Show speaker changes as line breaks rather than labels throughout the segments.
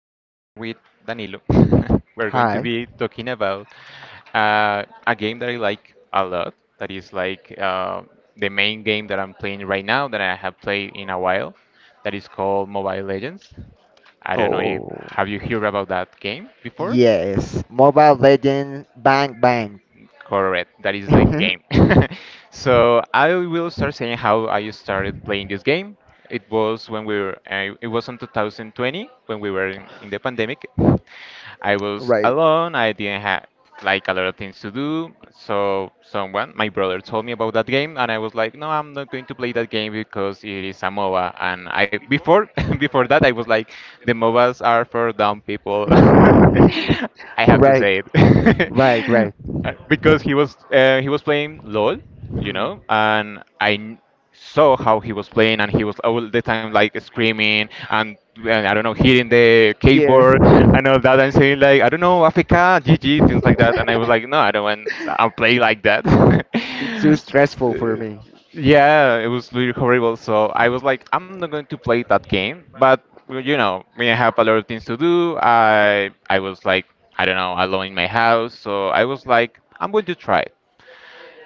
today we're with Danilo. We're going to
Hi.
be talking about a game that I like a lot. That is like the main game that I'm playing right now that I have played in a while. That is called Mobile Legends. I don't know if
Oh,
have you heard about that game before?
yes. Mobile Legend Bang Bang.
Correct, that is the game. So I will start saying how I started playing this game. It was when we were, it was in 2020 when we were in the pandemic. I was
Right.
alone. I didn't have like a lot of things to do. So someone, my brother, told me about that game, and I was like, no, I'm not going to play that game because it is a MOBA. And I before before that, I was like, the MOBAs are for dumb people. I have to
Right,
say
right,
it.
right.
Because he was playing LOL, you
Hmm.
know, and saw how he was playing, and he was all the time like screaming and I don't know hitting the
Yeah.
keyboard and all that, and saying like I don't know Africa, GG, things like that, and I was like, no, I don't want. I'll play like that.
It's too stressful for me.
Yeah, it was really horrible. So I was like, I'm not going to play that game. But well, you know, when I have a lot of things to do, I was like, I don't know, alone in my house. So I was like, I'm going to try it.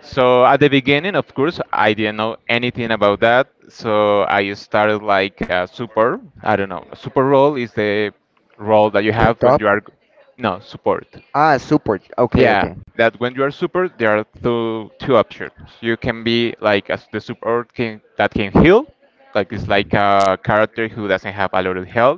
So at the beginning, of course, I didn't know anything about that. So I started like super. I don't know. Super role is the role that you
The
have when
top?
you are, no, support.
Ah, support. Okay,
Yeah,
okay.
that when you are super, there are two options. You can be like as the support can, that can heal, like it's
Mhm.
like a character who doesn't have a lot of health,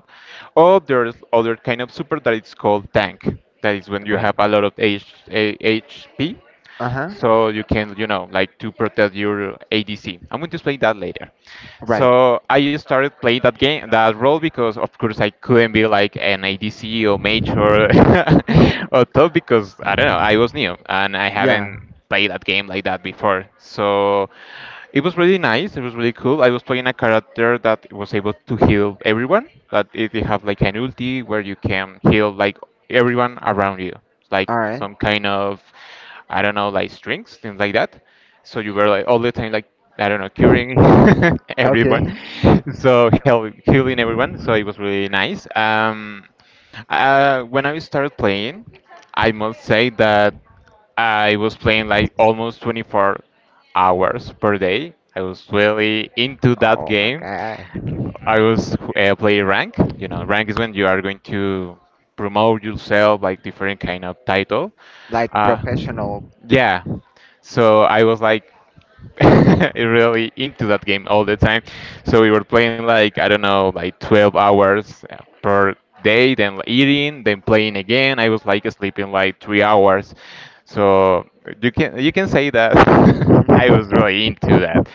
or there's other kind of super that it's called tank. That is when you
Right.
have a lot of HAHP,
Uh huh.
so you can you know like to protect your ADC. I'm going to explain that later.
Right.
So I started playing that game, that role, because of course I couldn't be like an ADC or mage or, or top because I don't know, I was new and I
Yeah.
haven't played that game like that before. So it was really nice. It was really cool. I was playing a character that was able to heal everyone. That it, they have like an ulti where you can heal like everyone around you, like some kind of, I don't know, like strings, things like that. So you were like all the time like I don't know, curing everyone. So heal, healing everyone. So it was really nice. When I started playing, I must say that. I was playing like almost 24 hours per day. I was really into that
Game.
game.
God.
I was playing rank. You know, rank is when you are going to promote yourself, like different kind of title.
Like
Uh,
professional.
yeah. So I was like really into that game all the time. So we were playing like I don't know, like 12 hours per day, then eating, then playing again. I was like sleeping like 3 hours. So you can say that I was really into that.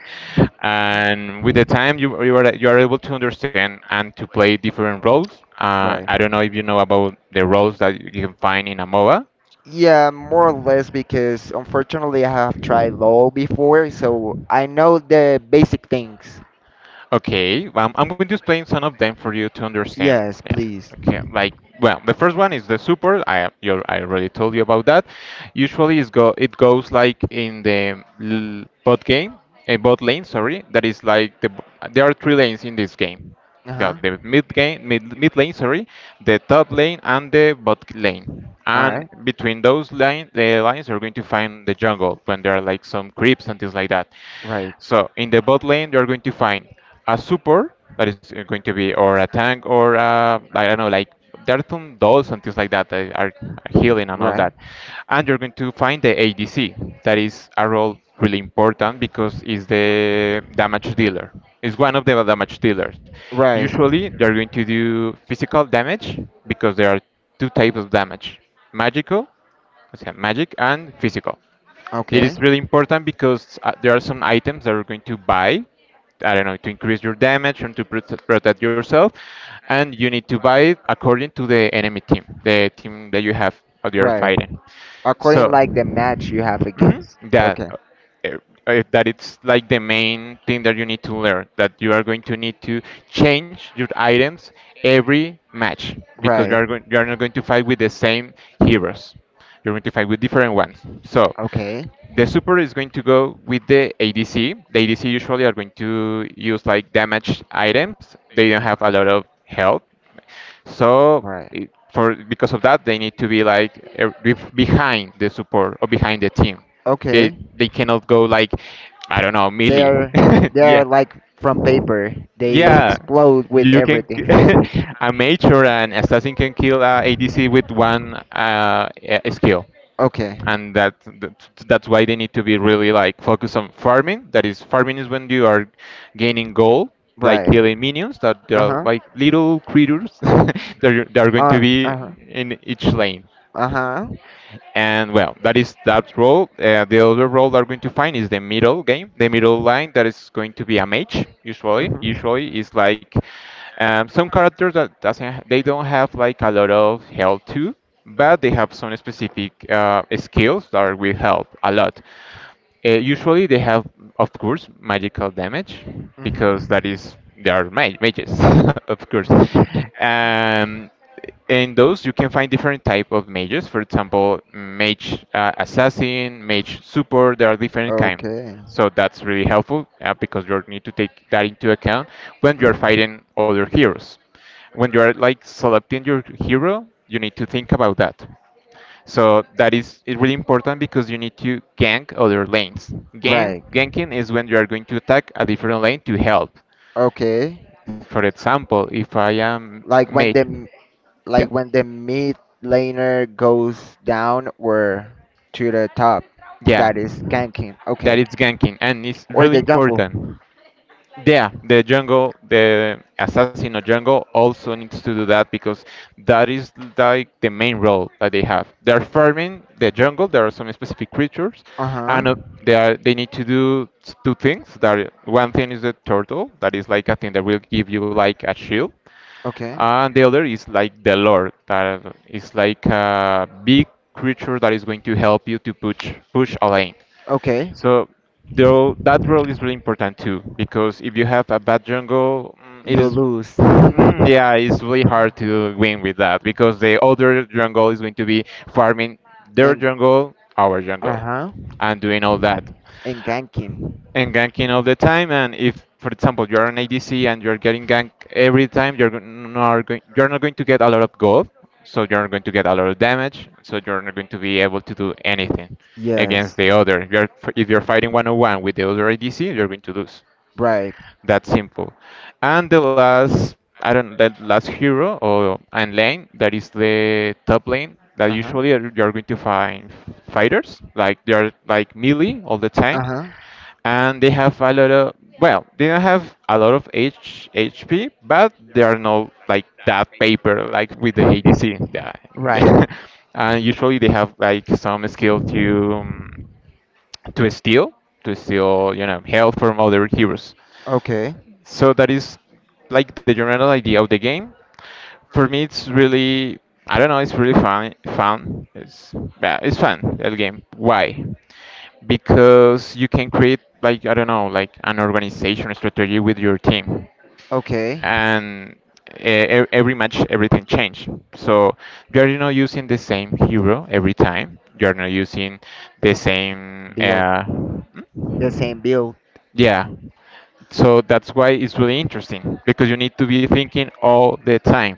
And with the time, you are able to understand and to play different roles. I don't know if you know about the roles that you can find in a MOBA.
Yeah, more or less because unfortunately I have tried LOL before, so I know the basic things.
Okay, I'm going to explain some of them for you to understand.
Yes,
Yeah.
please.
Okay. Like, well, the first one is the support. I already told you about that. Usually, it goes like in the bot game, a bot lane. Sorry, that is like there are three lanes in this game yeah,
Uh-huh.
the
The
mid game, mid lane, sorry, the top lane and the bot lane.
and
And
right.
between the lines, you're going to find the jungle when there are like some creeps and things like that.
Right.
So in the bot lane, you're going to find a support that is going to be or a tank or a, I don't know, like there are some dolls and things like that that are healing and all
Right.
that. And you're going to find the ADC. That is a role really important because it's the damage dealer. It's one of the damage dealers.
Right.
Usually they're going to do physical damage because there are two types of damage. Magical, o sea, magic and physical. It is
Okay.
really important because there are some items that you're going to buy. I don't know to increase your damage and to protect yourself, and you need to buy it according to the enemy team, the team that you have that you're
Right.
fighting.
According
So.
like the match you have
Mhm.
against. Okay.
Uh, that it's like the main thing that you need to learn that you are going to need to change your items every match because you are not going to fight with the same heroes. You're going to fight with different ones. So
Okay.
the super is going to go with the ADC. The ADC usually are going to use like damage items. They don't have a lot of health. So
Right.
it, for because of that, they need to be like behind the support or behind the team. They
Okay.
they cannot go like I don't know melee.
Are they
Yeah,
are like from paper. They
yeah.
explode with
You
This
can
everything.
k-
This is
a mage or an assassin can kill a ADC with one skill
okay.
and that's why they need to be really like focused on farming. That is, farming is when you are gaining gold, like
Right.
killing minions that they
Uh
are
huh.
like little creatures that are going to
Uh
be
uh huh.
in each lane.
Uh huh.
And well, that is that role. The other role that we're going to find is the middle game, the middle line that is going to be a mage.
Mhm.
Usually is like some characters that doesn't ha- they don't have like a lot of health too, but they have some specific skills that will help a lot. Usually they have, of course, magical damage
Mhm.
because that is they are ma mages, of course. Um, in those you can find different type of mages. For example, mage assassin, mage support. There are different kind.
Okay.
So that's really helpful because you need to take that into account when you are
Mhm.
fighting other heroes. When you are like selecting your hero, you need to think about that. So that is really important because you need to gank other lanes.
Right.
Ganking is when you are going to attack a different lane to help.
Okay.
For example, if I am
Like when the
mage,
m-
yeah,
like when the mid laner goes down or to the top,
yeah,
that is ganking.
that
Okay.
is ganking and it's
Or
really
the jungle.
important. Yeah, the Django, the assassin of Django also needs to do that because that is like the main role that they have. They're farming the jungle. There are some specific creatures,
Uh-huh.
and they need to do two things. One thing is the turtle, that is like a thing that will give you like a shield,
Okay.
and the other is like the lord, that is like a big creature that is going to help you to push a lane.
Okay.
So the that role is really important too, because if you have a bad jungle, mm, it
You
is
lose.
Mm, yeah, it's really hard to win with that because the other jungle is going to be farming their
And
jungle, our jungle,
uh-huh.
and doing all that
And ganking.
and ganking all the time. And if, for example, you are an ADC and you're getting ganked every time, you're not going to get a lot of gold, so you're not going to get a lot of damage, so you're not going to be able to do anything against
Yes.
the other. If you're fighting one on one with the other ADC, you're going to lose.
Right.
That simple. And the last, I don't, the last hero or and lane that is the top lane that
Uh-huh.
usually you're going to find fighters like they're like melee all the time
Uh-huh.
and they have a lot of well they don't have a lot of H HP but they are not like that paper like with the ADC yeah.
Right.
And usually they have like some skill to to steal to steal you know health from other heroes.
Okay.
So that is like the general idea of the game. For me it's really, I don't know, it's really fun. It's, yeah, it's fun that game. Why? Because you can create, like I don't know, like an organization strategy with your team.
Okay.
And every match everything change. So you're not using the same hero every time. You're not using the same
Build. The
hmm?
same build.
Yeah. So that's why it's really interesting, because you need to be thinking all the time.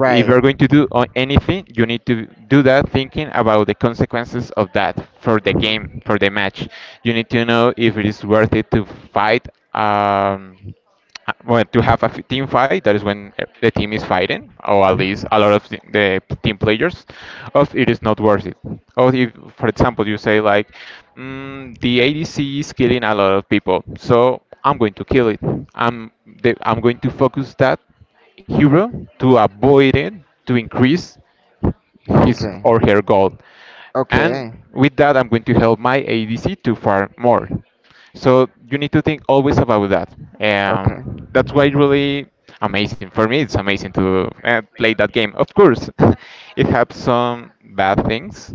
If you're going to do anything, you need to do that thinking about the consequences of that for the
Mhm.
game, for the match. You need to know if it is worth it to fight. Um, when to have a team fight, that is when the team is fighting, or at least
Mhm.
a lot of the team players, of it is not worth it. Or if, for example, you say like, the ADC is killing a lot of people, so I'm going to kill it. I'm I'm going to focus that hero, to avoid it, to increase his
Okay.
or her goal. And
Okay.
with that, I'm going to help my ADC to farm more. So you need to think always about that.
Yeah, okay.
Um, that's why it really amazing for me. It's amazing to play that game. Of course, it has some bad things,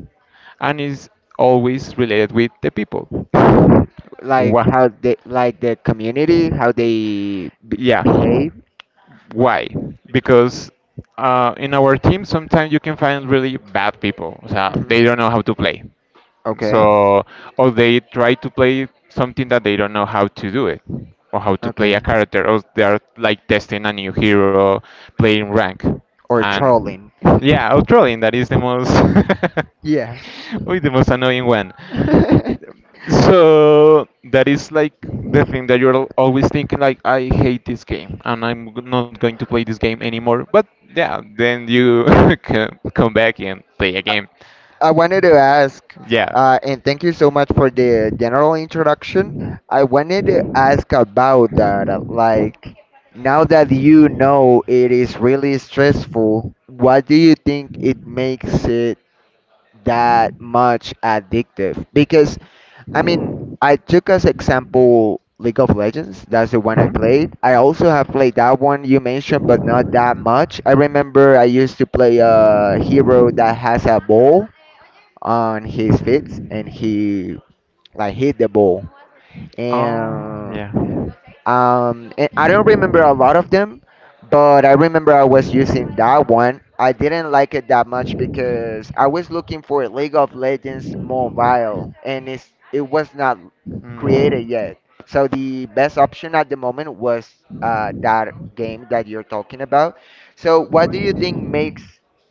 and is always related with the people.
Like
Why?
how they like the community, how they b
Yeah.
behave.
Why? Because in our team, sometimes you can find really bad people. So
Hmm.
they don't know how to play.
Okay.
So, or they try to play something that they don't know how to do it, or how to play a
Okay.
character, or they are like testing a new hero, playing rank,
Or
and
trolling.
yeah, or trolling. That is the most,
Yeah.
uy, the most annoying one. So that is like the thing that you're always thinking, like I hate this game and I'm not going to play this game anymore. But yeah, then you c- come back and play a game.
I wanted to ask,
Yeah.
and thank you so much for the general introduction. I wanted to ask about that. Like, now that you know it is really stressful, what do you think it makes it that much addictive? Because, I mean, I took as example League of Legends. That's the one I played. I also have played that one you mentioned, but not that much. I remember I used to play a hero that has a ball on his feet and he like hit the ball
Oh
and
yeah.
and I don't remember a lot of them, but I remember I was using that one. I didn't like it that much because I was looking for League of Legends Mobile, and it was not created yet. So the best option at the moment was that game that you're talking about. So what do you think makes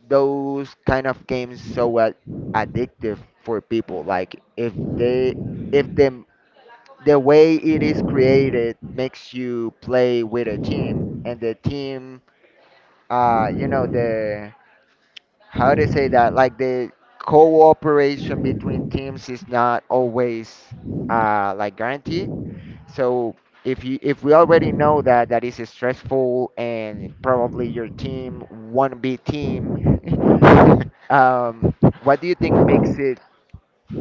those kind of games so addictive for people? Like if they if the the way it is created makes you play with a team, and the team, you know, the how to say that, like, the cooperation between teams is not always like guaranteed, so if we already know that that is stressful and probably your team won't be team, um what do you think makes it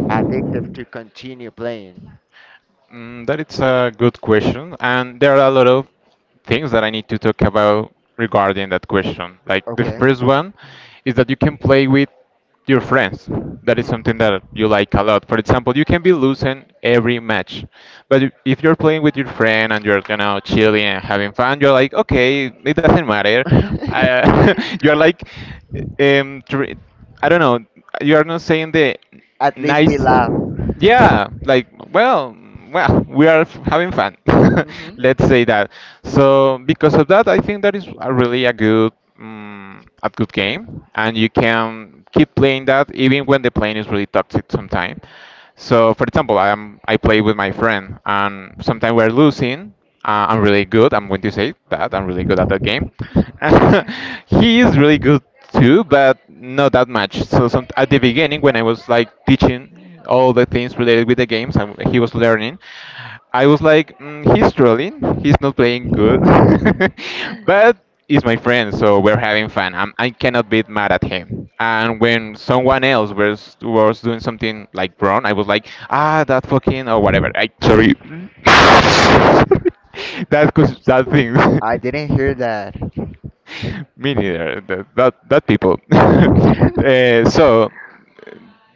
addictive to continue playing?
Mm, that is a good question, and there are a lot of things that I need to talk about regarding that question. Like the
Okay.
first one is that you can play with your friends. That is
Hmm.
something that you like a lot. For example, you can be losing every match, but if you're playing with your friend and you're, you know, chilling and having fun, you're like, okay, it doesn't matter. I, you're like, um, tr- I don't know. You are not saying the
At least we
nice.
laugh.
Yeah, like well, we are having fun.
Mhm.
Let's say that. So because of that, I think that is a really a good game, and you can keep playing that even when the plane is really toxic sometimes. So for example, I play with my friend, and sometimes we're losing. I'm really good. I'm going to say that I'm really good at that game. He is really good too, but not that much. So some, at the beginning, when I was like teaching all the things related with the games, and he was learning, I was like, mm, he's trolling. He's not playing good. But is my friend, so we're having fun. I cannot be mad at him. And when someone else was doing something like wrong, I was like, ah, that fucking or whatever. I sorry. That
Uh,
cause that thing.
I didn't hear that.
Me neither. That people. uh, so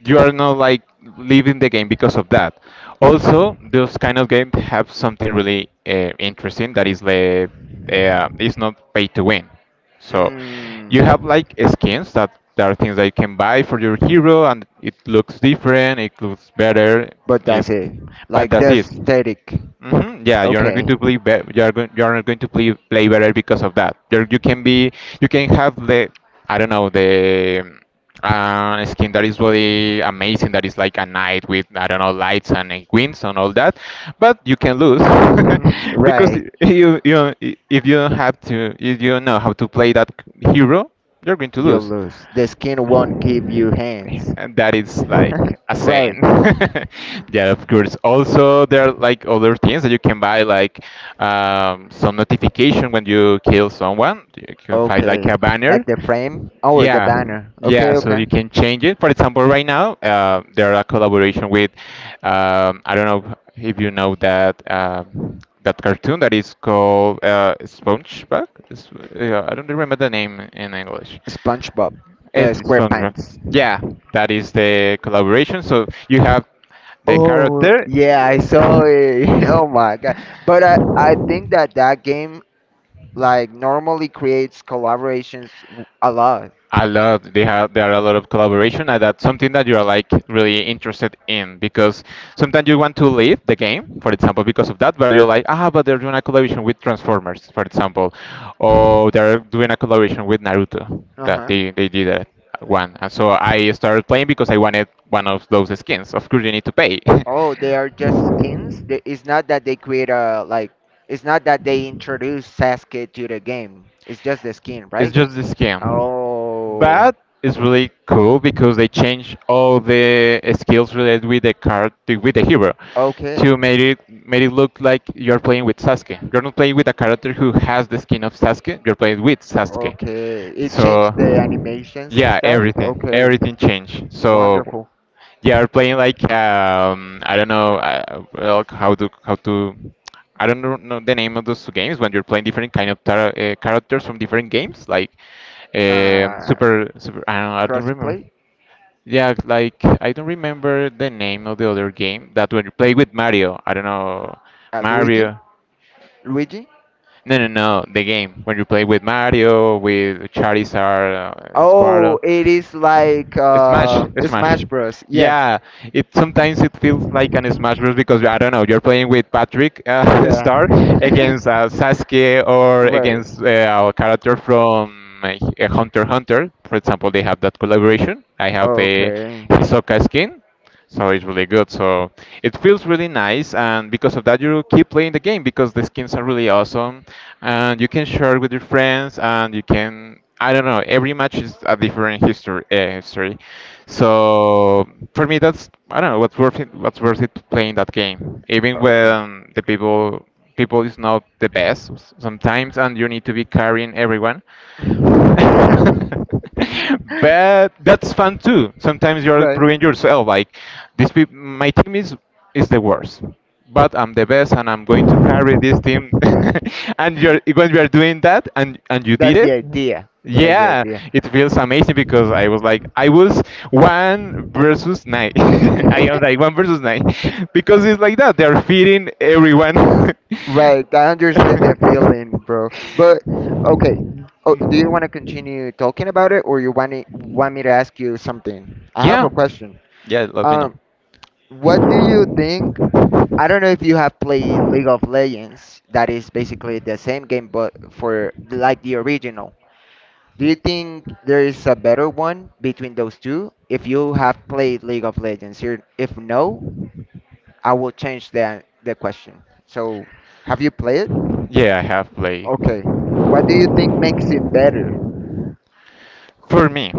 you are not like leaving the game because of that. Also, those kind of games have something really interesting, that is the it's not pay to win. So
Mm.
you have like skins, that there are things that you can buy for your hero, and it looks different, it looks better,
But
it,
that's it.
but
Like
that's it.
just static.
Hmm. Yeah, you're not going
Okay.
to play you're going, you're not going to play better because of that. You're, you can be, you can have the, I don't know, the skin that is really amazing, that is like a knight with, I don't know, lights and wings and all that, but you can lose because
Right.
you if you don't have to, if you don't know how to play that hero, you're going to
You
lose.
lose. The skin won't give you
Yeah,
hands.
and that is like a
Right.
saying. Yeah, of course. Also, there are like other things that you can buy, like some notification when you kill someone. You can find like
Okay.
a
Like
banner.
the frame or the
Yeah,
banner.
yeah.
Okay,
So
okay.
you can change it. For example, right now there are a collaboration with I don't know if you know that that cartoon that is called SpongeBob. It's- yeah, I don't remember the name in English.
SpongeBob.
It's Congress.
SquarePants.
Yeah, that is the collaboration. So you have the
Oh,
character.
yeah, I saw it. Oh my god. But I think that that game like normally creates collaborations w- a lot.
A lot. They have, there are a lot of collaboration, and that's something that you are like really interested in, because sometimes you want to leave the game, for example, because of that. But you're like, ah, but they're doing a collaboration with Transformers, for example, or they're doing a collaboration with Naruto. That
Uh-huh.
they did that one, and so I started playing because I wanted one of those skins. Of course, you need to pay.
Oh, they are just skins. They- It's not that they create a like it's not that they introduce Sasuke to the game. It's just the skin,
It's
right?
just the skin.
Oh,
But it's really cool because they change all the skills related with the card with the hero
okay.
to make it made it look like you're playing with Sasuke. You're not playing with a character who has the skin of Sasuke. You're playing with Sasuke.
Okay. It
So
changed the animations and
yeah,
stuff.
everything
Okay.
everything changed. So
Wonderful.
yeah, are playing like I don't know, well, how to I don't know the name of those two games when you're playing different kind of tar characters from different games, like um,
Uh,
super super. I don't remember.
crossplay.
Yeah, like I don't remember the name of the other game that when you play with Mario, I don't know.
Luigi.
Mario.
Luigi.
No, no, no, the game when you play with Mario, with Charizard, Squirtle,
Oh, it is like
Smash, Smash.
Smash Bros. Yes.
Yeah, it sometimes it feels like an Smash Bros, because I don't know, you're playing with Patrick Star
Yeah.
against Sasuke or
Right.
against a character from Hunter x Hunter. For example, they have that collaboration. I have the
Okay.
Hisoka skin, so it's really good. So it feels really nice, and because of that, you keep playing the game because the skins are really awesome, and you can share with your friends, and you can. I don't know. Every match is a different history. History. So for me, that's I don't know what's worth it. What's worth it playing that game, even when the people is not the best sometimes, and you need to be carrying everyone. But that's fun too. Sometimes you're proving yourself. Like this, my team is the worst, but I'm the best, and I'm going to carry this team. And you're when you're doing that, and you did
The
it.
idea.
Yeah, it feels amazing because I was one versus nine. I am like one versus nine because it's like that. They're feeding everyone.
Right, I understand that feeling, bro. But okay, oh, do you want to continue talking about it, or you want me to ask you something? I have
Yeah.
a question.
Yeah, let me know.
Um, what do you think? I don't know if you have played League of Legends. That is basically the same game, but for like the original. Do you think there is a better one between those two? If you have played League of Legends, here, if no, I will change the question. So, have you played?
Yeah, I have played.
Okay. What do you think makes it better?
For me,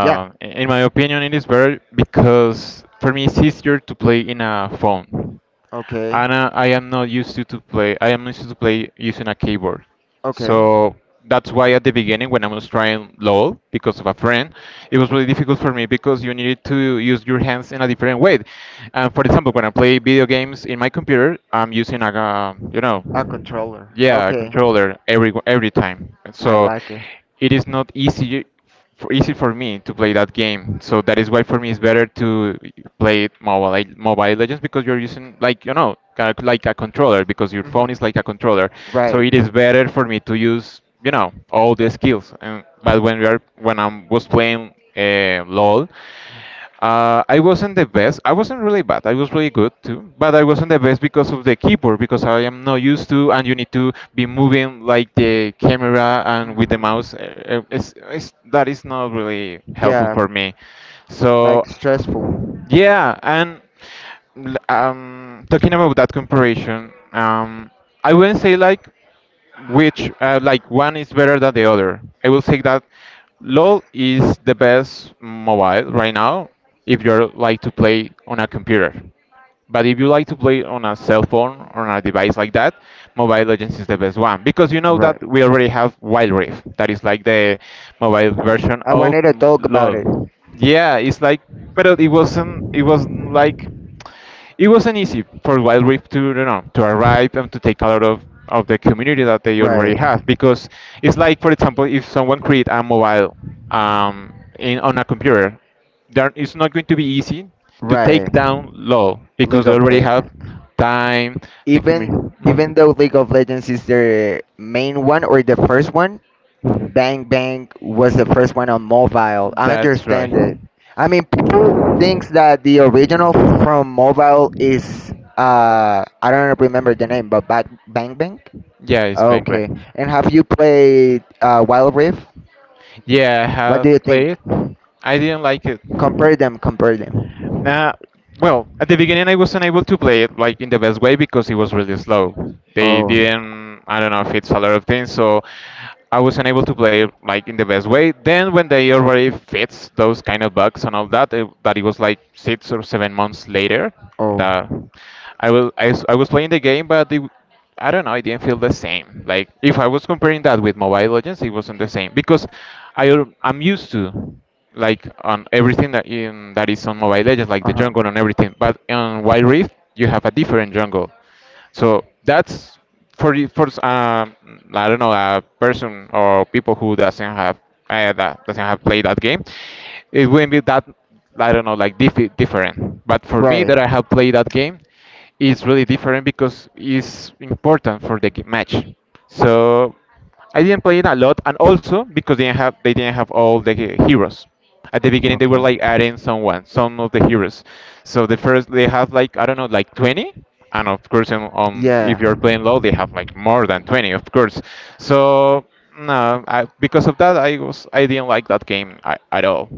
Yeah.
in my opinion, it is better because for me it's easier to play in a phone,
Okay.
and I am not used to play. I am used to play using a keyboard,
Okay.
so that's why at the beginning when I was trying LOL because of a friend, it was really difficult for me because you needed to use your hands in a different way. For example, when I play video games in my computer, I'm using like a you know,
A controller.
yeah, a
Okay.
controller every time.
I
So
like it.
it is not easy easy for me to play that game. So that is why for me it's better to play it mobile, like Mobile Legends, because you're using like, you know, kind of like a controller, because your
Hmm.
phone is like a controller. So
Right.
it is better for me to use, you know, all the skills. And but when we are when I was playing LOL, I wasn't the best. I wasn't really bad. I was really good too, but I wasn't the best because of the keyboard, because I am not used to, and you need to be moving like the camera and with the
Hmm.
mouse. That is not really helpful
Yeah,
for me.
like
So
stressful.
yeah, and talking about that comparison, I wouldn't say like which like one is better than the other. I will say that LoL is the best mobile right now if you're like to play on a computer. But if you like to play on a cell phone or on a device like that, Mobile Legends is the best one because you know that
Right.
we already have Wild Rift, that is like the mobile version
I
of
wanted to talk about it.
LoL. Yeah, it's like, but it wasn't. It wasn't like it wasn't easy for Wild Rift to to arrive and to take a lot of the community that they already
Right.
have because it's like, for example, if someone create a mobile in on a computer there, it's not going to be easy to take
Right.
down law because
League
they
of
already have
Legends.
time, the
Even even
community.
though League of Legends is the main one or the first one, Bang Bang was the first one on mobile. I
That's right.
understand it. I mean, people thinks that the original from mobile is I don't remember the name, but Ba- Bang Bang.
Yeah, it's Bang
Okay.
Bang.
And have you played Wild Rift?
Yeah, I
What do
have
you think?
played. I didn't like it.
Compare them. Compare them.
Uh, well, at the beginning, I was unable to play it like in the best way because it was really slow. They
Oh.
didn't, I don't know if it's a lot of things, so I was unable to play it like in the best way. Then when they already fixed those kind of bugs and all that it was like 6 or 7 months later
Oh.
that I will I, s- I was playing the game, but it I don't know, I didn't feel the same. Like if I was comparing that with Mobile Legends, it wasn't the same because I'm used to like on everything that in that is on Mobile Legends, like
Uh
the
huh.
jungle and everything. But on Wild Rift, you have a different jungle. So that's for the- for I don't know, a person or people who doesn't have that doesn't have played that game, it wouldn't be that I don't know, like different. But for me
Right.
that I have played that game, it's really different because it's important for the match. So, I didn't play it a lot, and also because they didn't have all the heroes. At the beginning, they were
Okay.
like adding someone, some of the heroes. So the first they have like, I don't know, like 20, and of course, on if
Yeah.
you're playing low, they have like more than 20, of course. So no, because of that, I didn't like that game at all.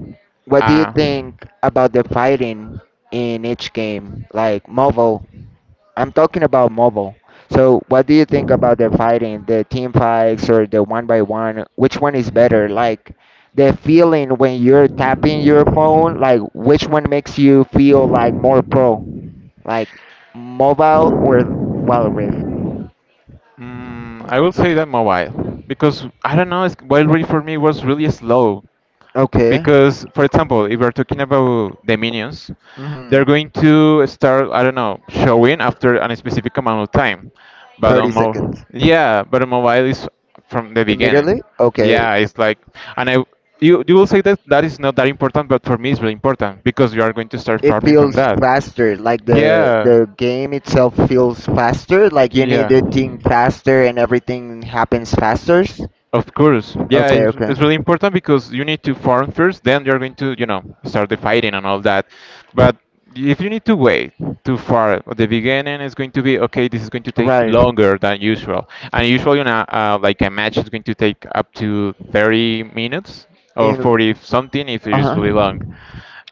What do you
Uh,
think about the fighting in each game? Like Marvel. I'm talking about Marvel. So what do you think about the fighting, the team fights or the one by one? Which one is better? Like the feeling when you're tapping your phone, like which one makes you feel like more pro? Like mobile or Wild Rift?
mm, I will say that mobile because I don't know, it's, Wild Rift for me was really slow.
Okay.
Because, for example, if we're talking about the minions, they're
Mhm.
going to start, I don't know, showing after a specific amount of time, but on
30
mobile,
seconds.
yeah, but on mobile is from the beginning.
Immediately? Okay.
Yeah, it's like, and I you, you will say that that is not that important, but for me it's really important because you are going to start
It
farming from
feels
that.
faster, like
Yeah.
the game itself feels faster, like you need
Yeah.
to think faster and everything happens faster.
Of course. Yeah,
Okay, okay.
it's really important because you need to farm first, then you're going to, you know, start the fighting and all that. But if you need to wait too far at the beginning, it's going to be okay, this is going to take
Right.
longer than usual. And usually, you know, like a match is going to take up to 30 minutes or
In.
40 something if it is
Uh-huh.
really long.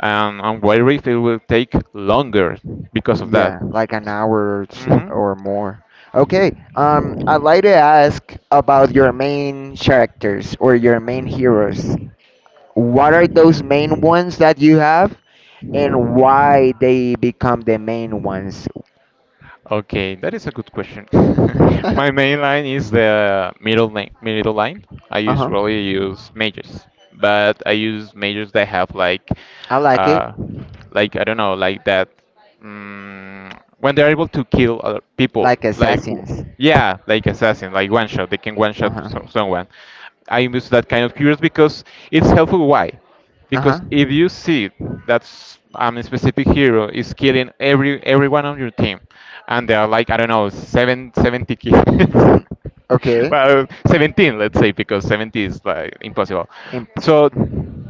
On Wild Rift, it will take longer because of that.
Yeah, like an hour or two
hmm
or more. Okay. I'd like to ask about your main characters or your main heroes. What are those main ones that you have, and why they become the main ones?
Okay, that is a good question.
Uh
My main line is the middle line, middle line. I
huh.
usually use majors, but I use majors that have like,
I like it.
uh, I don't know, like that. Mm, when they're able to kill other people,
Like
like w-
assassins.
yeah, like assassin, like one shot. They can one
Uh
shot
huh.
someone. I use that kind of heroes because it's helpful. Why?
Uh
Because if you see that a specific hero is killing everyone on your team, and there are like, I don't know, seven, 70 kills,
huh. Okay.
well, 17, let's say, because 70 is like impossible.
Imp-
So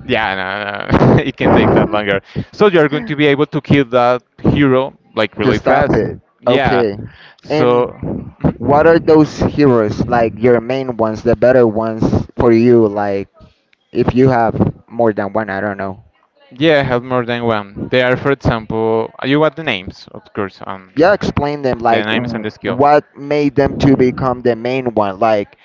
yeah, no, no, it can take that longer. So you're going to be able to kill that hero like
to
really
stop
fast.
it.
Yeah.
Okay. And
So.
what are those heroes like your
Mhm.
main ones, the better ones for you? Like if you have more than one, I don't know.
Yeah, I have more than one. They are, for example, you want the names, of course,
Yeah, explain them.
the
Like
names and
w-
the skills.
what made them to become the main one? Like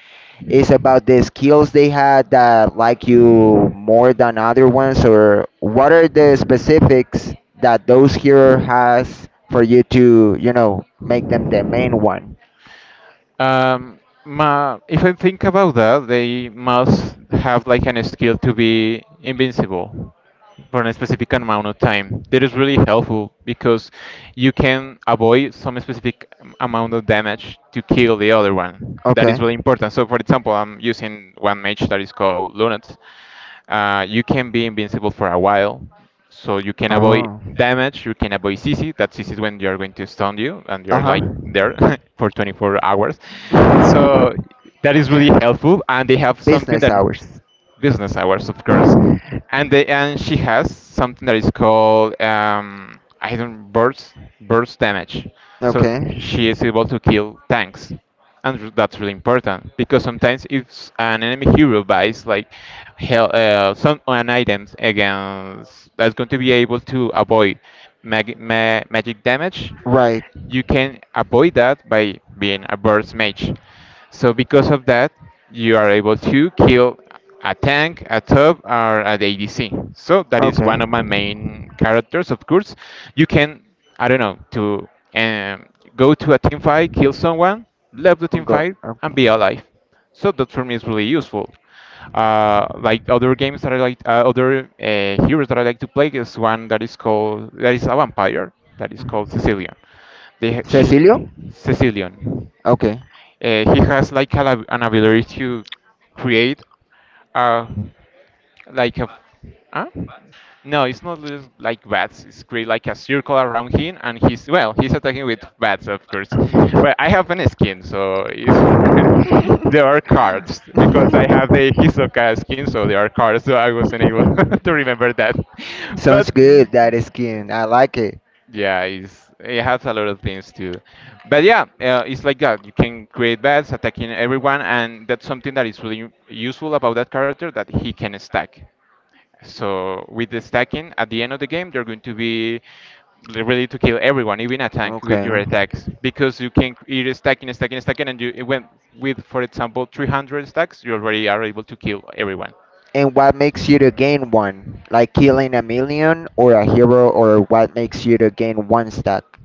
it's about the skills they had that like you more than other ones, or what are the specifics that those hero has for you to, you know, make them the main one.
Um, ma If I think about that, they must have like an skill to be invincible for a specific amount of time. That is really helpful because you can avoid some specific amount of damage to kill the other one. That is
Okay.
really important. So, for example, I'm using one mage that is called Lunat. You can be invincible for a while, so you can avoid
Oh.
damage. You can avoid CC. That CC is when they are going to stun you, and you're
Uh
like there for 24 hours.
huh.
So that is really helpful, and they have something
Business
that
hours.
business hours, of course. And she has something that is called I don't burst damage. So
Okay.
she is able to kill tanks, and that's really important because sometimes if an enemy hero buys like hell, some an items against that's going to be able to avoid magic damage,
Right.
you can avoid that by being a burst mage. So because of that, you are able to kill a tank, a top, or an ADC. So that is
Okay.
one of my main characters. Of course, you can, I don't know, to um, go to a team fight, kill someone, leave the team
Uncle.
fight, and be
Okay.
alive. So that for me is really useful. Like other games that I like, other heroes that I like to play is one that is called, that is a vampire that is called
Mhm.
Cecilion. They, she,
Cecilio?
Cecilion.
Okay.
He has like an ability to create a, like a, huh? No, it's not just like bats. It's create like a circle around him, and he's, well, he's attacking with bats, of course. Well, I have an skin, so it's there are cards because I have the Hisoka skin, so there are cards. So I wasn't able to remember that, but
Sounds good, that skin. I like it.
yeah, it's, it has a lot of things too. But yeah, it's like that. You can create bats attacking everyone, and that's something that is really useful about that character, that he can stack. So with the stacking, at the end of the game, they are going to be ready to kill everyone, even a tank, with your
Okay.
attacks because you're stacking, stacking, stacking, and you it went with, for example, 300 stacks, you already are able to kill everyone.
And what makes you to gain one? Like killing a million or a hero or what makes you to gain one stack?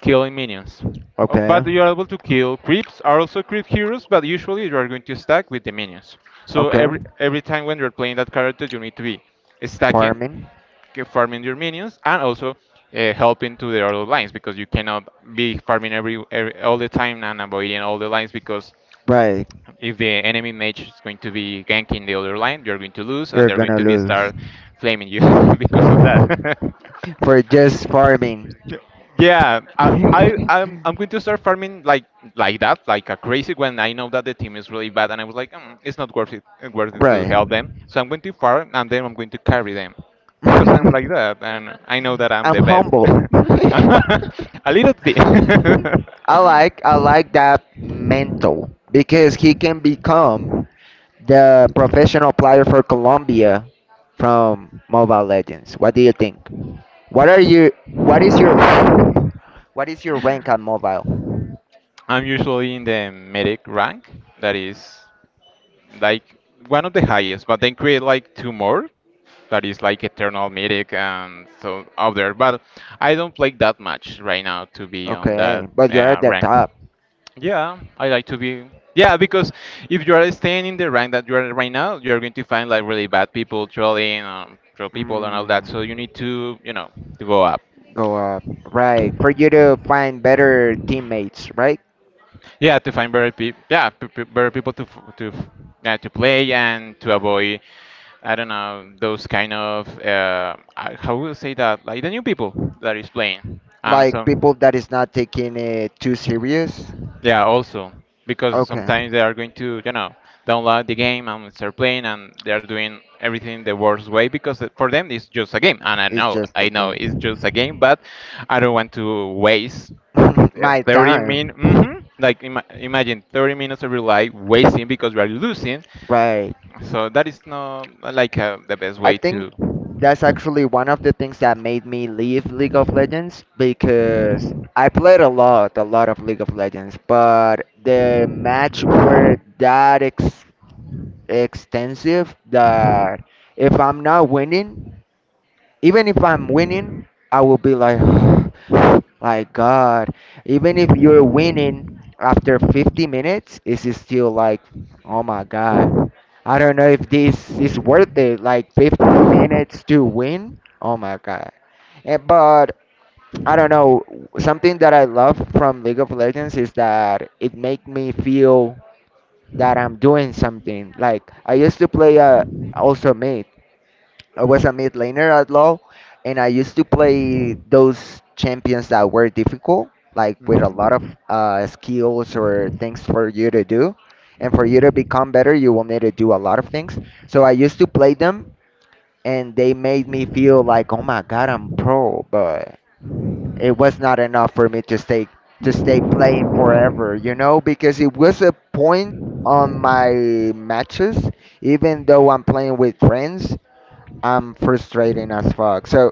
Killing minions.
Okay.
But you're able to kill creeps, are also creep heroes, but usually you are going to stack with the minions. So
Okay.
every time when you're playing that character, you need to be stacking,
Farming.
farming your minions, and also helping to the other lines because you cannot be farming every all the time and avoiding all the lines because
Right.
if the enemy mage is going to be ganking the other line, you're going to lose and
You're
they're going
gonna
to be
lose.
start flaming you because of that.
For just farming.
Yeah, yeah, I, I'm going to start farming like that, like a crazy, when I know that the team is really bad, and I was like, mm, it's not worth it, worth it to
Right.
help them. So I'm going to farm, and then I'm going to carry them because I'm like that, and I know that I'm
I'm
the best.
humble.
A little bit.
I like that mental because he can become the professional player for Colombia from Mobile Legends. What do you think? What are you what is your rank? What is your rank on mobile?
I'm usually in the medic rank, that is like one of the highest, but then create like two more that is like Eternal Mythic and so out there. But I don't play that much right now to be on
Okay,
that
but you're at the
rank.
top.
Yeah, I like to be. Yeah, because if you are staying in the rank that you are right now, you're going to find like really bad people trolling, troll people, and all
Mm,
that. So you need to, you know, to go up.
go up. Right, for you to find better teammates, right?
Yeah, to find better people. Yeah, better people yeah, to play and to avoid, I don't know, those kind of, I- how will say that? Like the new people that is playing. And so,
Like people that is not taking it too serious.
yeah, also, because
Okay,
sometimes they are going to, you know, download the game and start playing and they are doing everything the worst way because it- for them it's just a game. And
it's just a
I know it's just a
game.
game, but I don't want to waste
My
30 min
time.
hmm like imagine 30 minutes of your life wasting because we are losing.
Right.
So that is not like the best way
I
to.
think that's actually one of the things that made me leave League of Legends because I played a lot of League of Legends, but the match were that ex extensive that if I'm not winning, even if I'm winning, I will be like, like God. Even if you're winning after 50 minutes, it's still like, oh my God. I don't know if this is worth it. Like 50 minutes to win. Oh my God. Eh, but I don't know. Something that I love from League of Legends is that it make me feel that I'm doing something. Like I used to play also mid. I was a mid laner at low, and I used to play those champions that were difficult, like with a lot of skills or things for you to do. And for you to become better, you will need to do a lot of things. So I used to play them, and they made me feel like, oh my god, I'm pro, but it was not enough for me to stay playing forever, you know, because it was a point on my matches, even though I'm playing with friends, I'm frustrating as fuck. So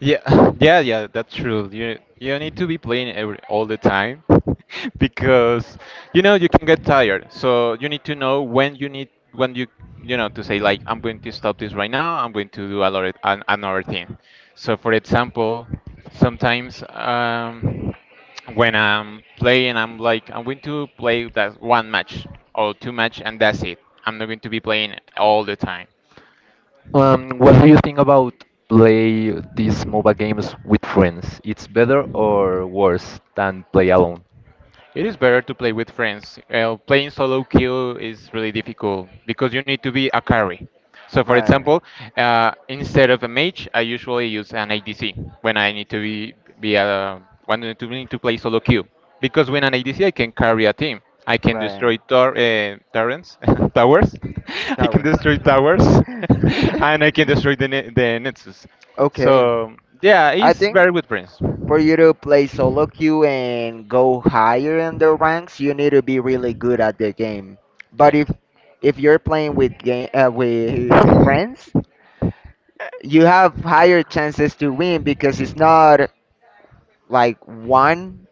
Yeah, yeah, yeah, that's true. You need to be playing every all the time because you know you can get tired. So you need to know when you need when you know to say like, I'm going to stop this right now. I'm going to do a lot of an, another thing. So, for example, sometimes when I'm playing, I'm like, I'm going to play that 1 match or 2 match and that's it. I'm not going to be playing all the time.
What do you think about play these MOBA games with friends? It's better or worse than play alone?
It is better to play with friends. Playing solo queue is really difficult because you need to be a carry. So, for
Right,
example, instead of a mage, I usually use an ADC when I need to need to play solo queue because when an ADC I can carry a team. I can
right.
destroy turrets, towers. I can
Towers.
destroy towers, and I can destroy the the nexus.
Okay.
So yeah,
I
it's
think
very good friends.
for you to play solo queue and go higher in the ranks, you need to be really good at the game. But
Yeah.
if you're playing with game with friends, you have higher chances to win because it's not like one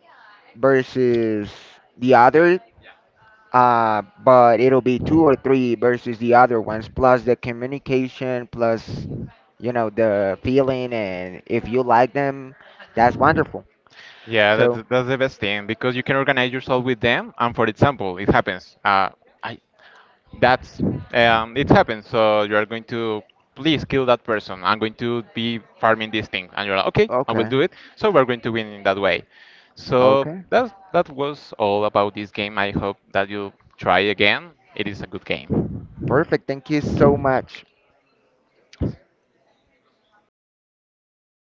versus the other, but it'll be two or three versus the other ones. Plus the communication, plus you know the feeling, and if you like them, that's wonderful.
Yeah,
So
that's the best thing because you can organize yourself with them. And for example, it happens. I that's It happens. So you are going to, please kill that person. I'm going to be farming this thing, and you're like, okay, I will
okay,
do it. So we're going to win in that way. So
okay,
that that was all about this game. I hope that you try again. It is a good game.
perfect. Thank you so much.